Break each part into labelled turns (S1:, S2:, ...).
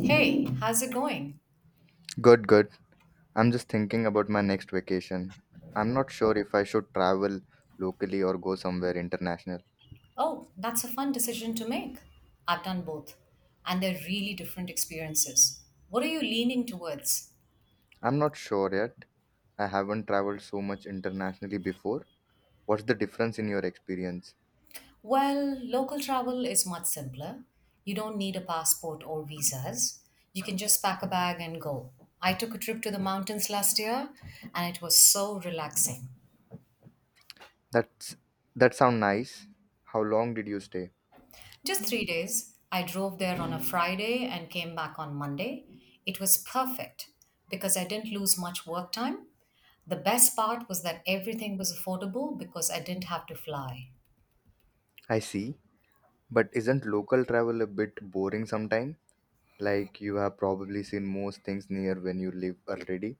S1: Hey, how's it going?
S2: Good, good. I'm just thinking about my next vacation. I'm not sure if I should travel locally or go somewhere international.
S1: Oh, that's a fun decision to make. I've done both, and they're really different experiences. What are you leaning towards?
S2: I'm not sure yet. I haven't traveled so much internationally before. What's the difference in your experience?
S1: Well, local travel is much simpler. You don't need a passport or visas. You can just pack a bag and go. I took a trip to the mountains last year, and it was so relaxing.
S2: That's that sound nice. How long did you stay?
S1: Just 3 days. I drove there on a Friday and came back on Monday. It was perfect because I didn't lose much work time. The best part was that everything was affordable because I didn't have to fly.
S2: I see. But isn't local travel a bit boring sometime? Like you have probably seen most things near when you live already.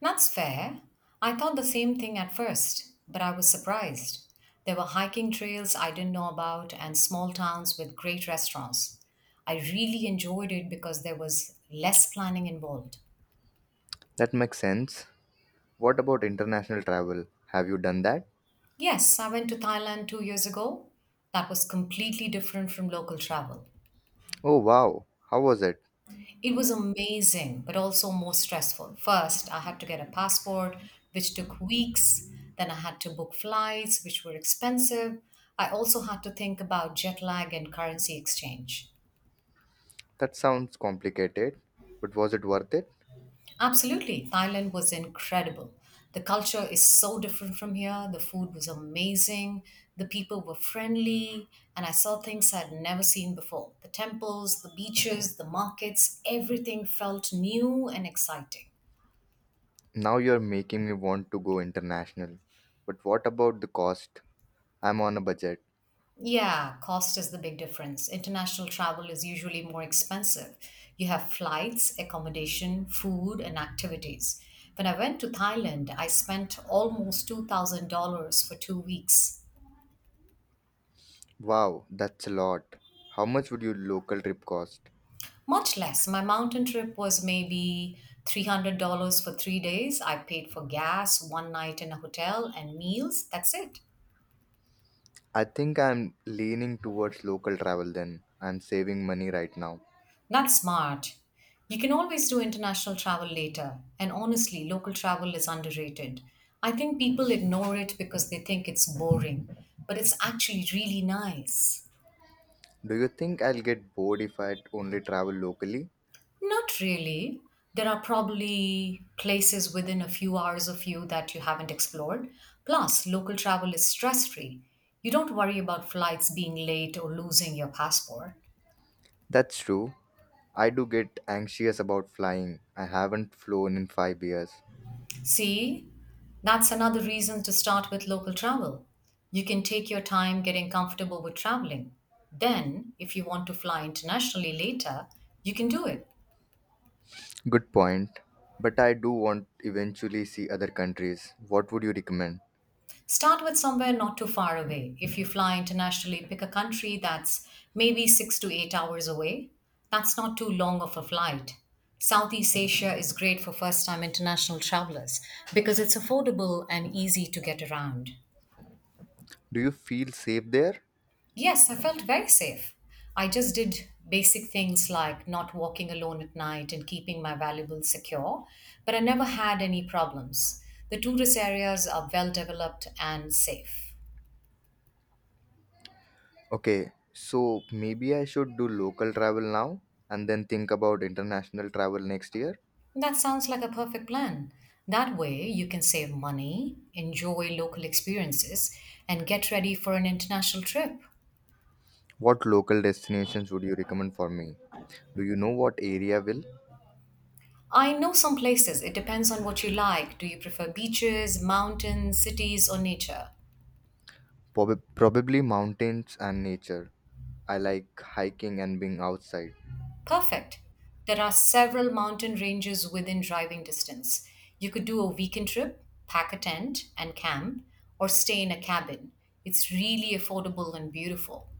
S1: That's fair. I thought the same thing at first, but I was surprised. There were hiking trails I didn't know about and small towns with great restaurants. I really enjoyed it because there was less planning involved.
S2: That makes sense. What about international travel? Have you done that?
S1: Yes, I went to Thailand 2 years ago. That was completely different from local travel.
S2: Oh wow, how was it?
S1: It was amazing, but also more stressful. First, I had to get a passport, which took weeks. Then I had to book flights, which were expensive. I also had to think about jet lag and currency exchange.
S2: That sounds complicated, but was it worth it?
S1: Absolutely. Thailand was incredible. The culture is so different from here. The food was amazing. The people were friendly. And I saw things I'd never seen before the temples, the beaches, the markets. Everything felt new and exciting.
S2: Now you're making me want to go international. But what about the cost? I'm on a budget.
S1: Yeah, cost is the big difference. International travel is usually more expensive. You have flights, accommodation, food, and activities. When I went to Thailand, I spent almost $2,000 for 2 weeks.
S2: Wow, that's a lot. How much would your local trip cost?
S1: Much less. My mountain trip was maybe $300 for 3 days. I paid for gas, one night in a hotel, and meals. That's it.
S2: I think I'm leaning towards local travel then. I'm saving money right now.
S1: That's smart. You can always do international travel later. And honestly, local travel is underrated. I think people ignore it because they think it's boring, but it's actually really nice.
S2: Do you think I'll get bored if I only travel locally?
S1: Not really. There are probably places within a few hours of you that you haven't explored. Plus, local travel is stress free. You don't worry about flights being late or losing your passport.
S2: That's true. I do get anxious about flying. I haven't flown in 5 years.
S1: See, that's another reason to start with local travel. You can take your time getting comfortable with traveling. Then, if you want to fly internationally later, you can do it.
S2: Good point. But I do want eventually see other countries. What would you recommend?
S1: Start with somewhere not too far away. If you fly internationally, pick a country that's maybe 6 to 8 hours away. That's not too long of a flight. Southeast Asia is great for first time international travelers because it's affordable and easy to get around.
S2: Do you feel safe there?
S1: Yes, I felt very safe. I just did basic things like not walking alone at night and keeping my valuables secure, but I never had any problems. The tourist areas are well developed and safe.
S2: Okay, so maybe I should do local travel now and then think about international travel next year.
S1: That sounds like a perfect plan. That way, you can save money, enjoy local experiences, and get ready for an international trip.
S2: What local destinations would you recommend for me? Do you know what area will?
S1: I know some places, it depends on what you like. Do you prefer beaches, mountains, cities, or nature?
S2: Probably mountains and nature. I like hiking and being outside.
S1: Perfect. There are several mountain ranges within driving distance. You could do a weekend trip, pack a tent, and camp, or stay in a cabin. It's really affordable and beautiful.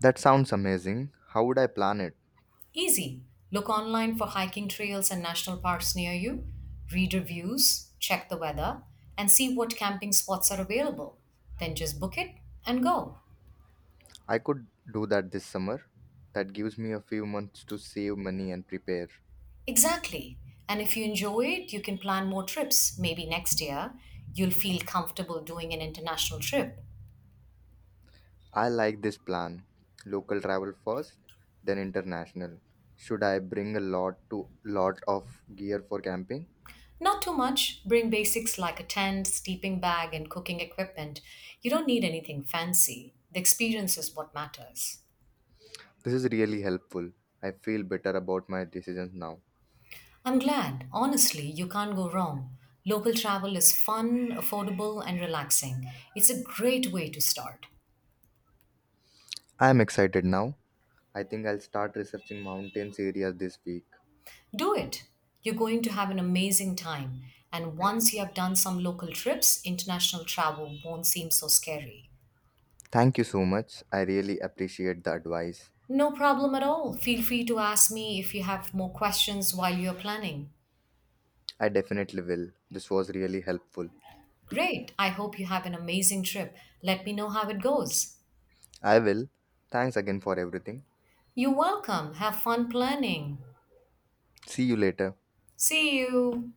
S2: That sounds amazing. How would I plan it?
S1: Easy. Look online for hiking trails and national parks near you, read reviews, check the weather, and see what camping spots are available. Then just book it and go.
S2: I could do that this summer. That gives me a few months to save money and prepare.
S1: Exactly. And if you enjoy it, you can plan more trips. Maybe next year, you'll feel comfortable doing an international trip.
S2: I like this plan. Local travel first, then international. Should I bring a lot to lot of gear for camping?
S1: Not too much. Bring basics like a tent, sleeping bag, and cooking equipment. You don't need anything fancy. The experience is what matters.
S2: This is really helpful. I feel better about my decisions now.
S1: I'm glad. Honestly, you can't go wrong. Local travel is fun, affordable, and relaxing. It's a great way to start.
S2: I am excited now. I think I'll start researching mountains areas this week.
S1: Do it. You're going to have an amazing time. And once you have done some local trips, international travel won't seem so scary.
S2: Thank you so much. I really appreciate the advice.
S1: No problem at all. Feel free to ask me if you have more questions while you're planning.
S2: I definitely will. This was really helpful.
S1: Great. I hope you have an amazing trip. Let me know how it goes.
S2: I will. Thanks again for everything.
S1: You're welcome. Have fun planning.
S2: See you later.
S1: See you.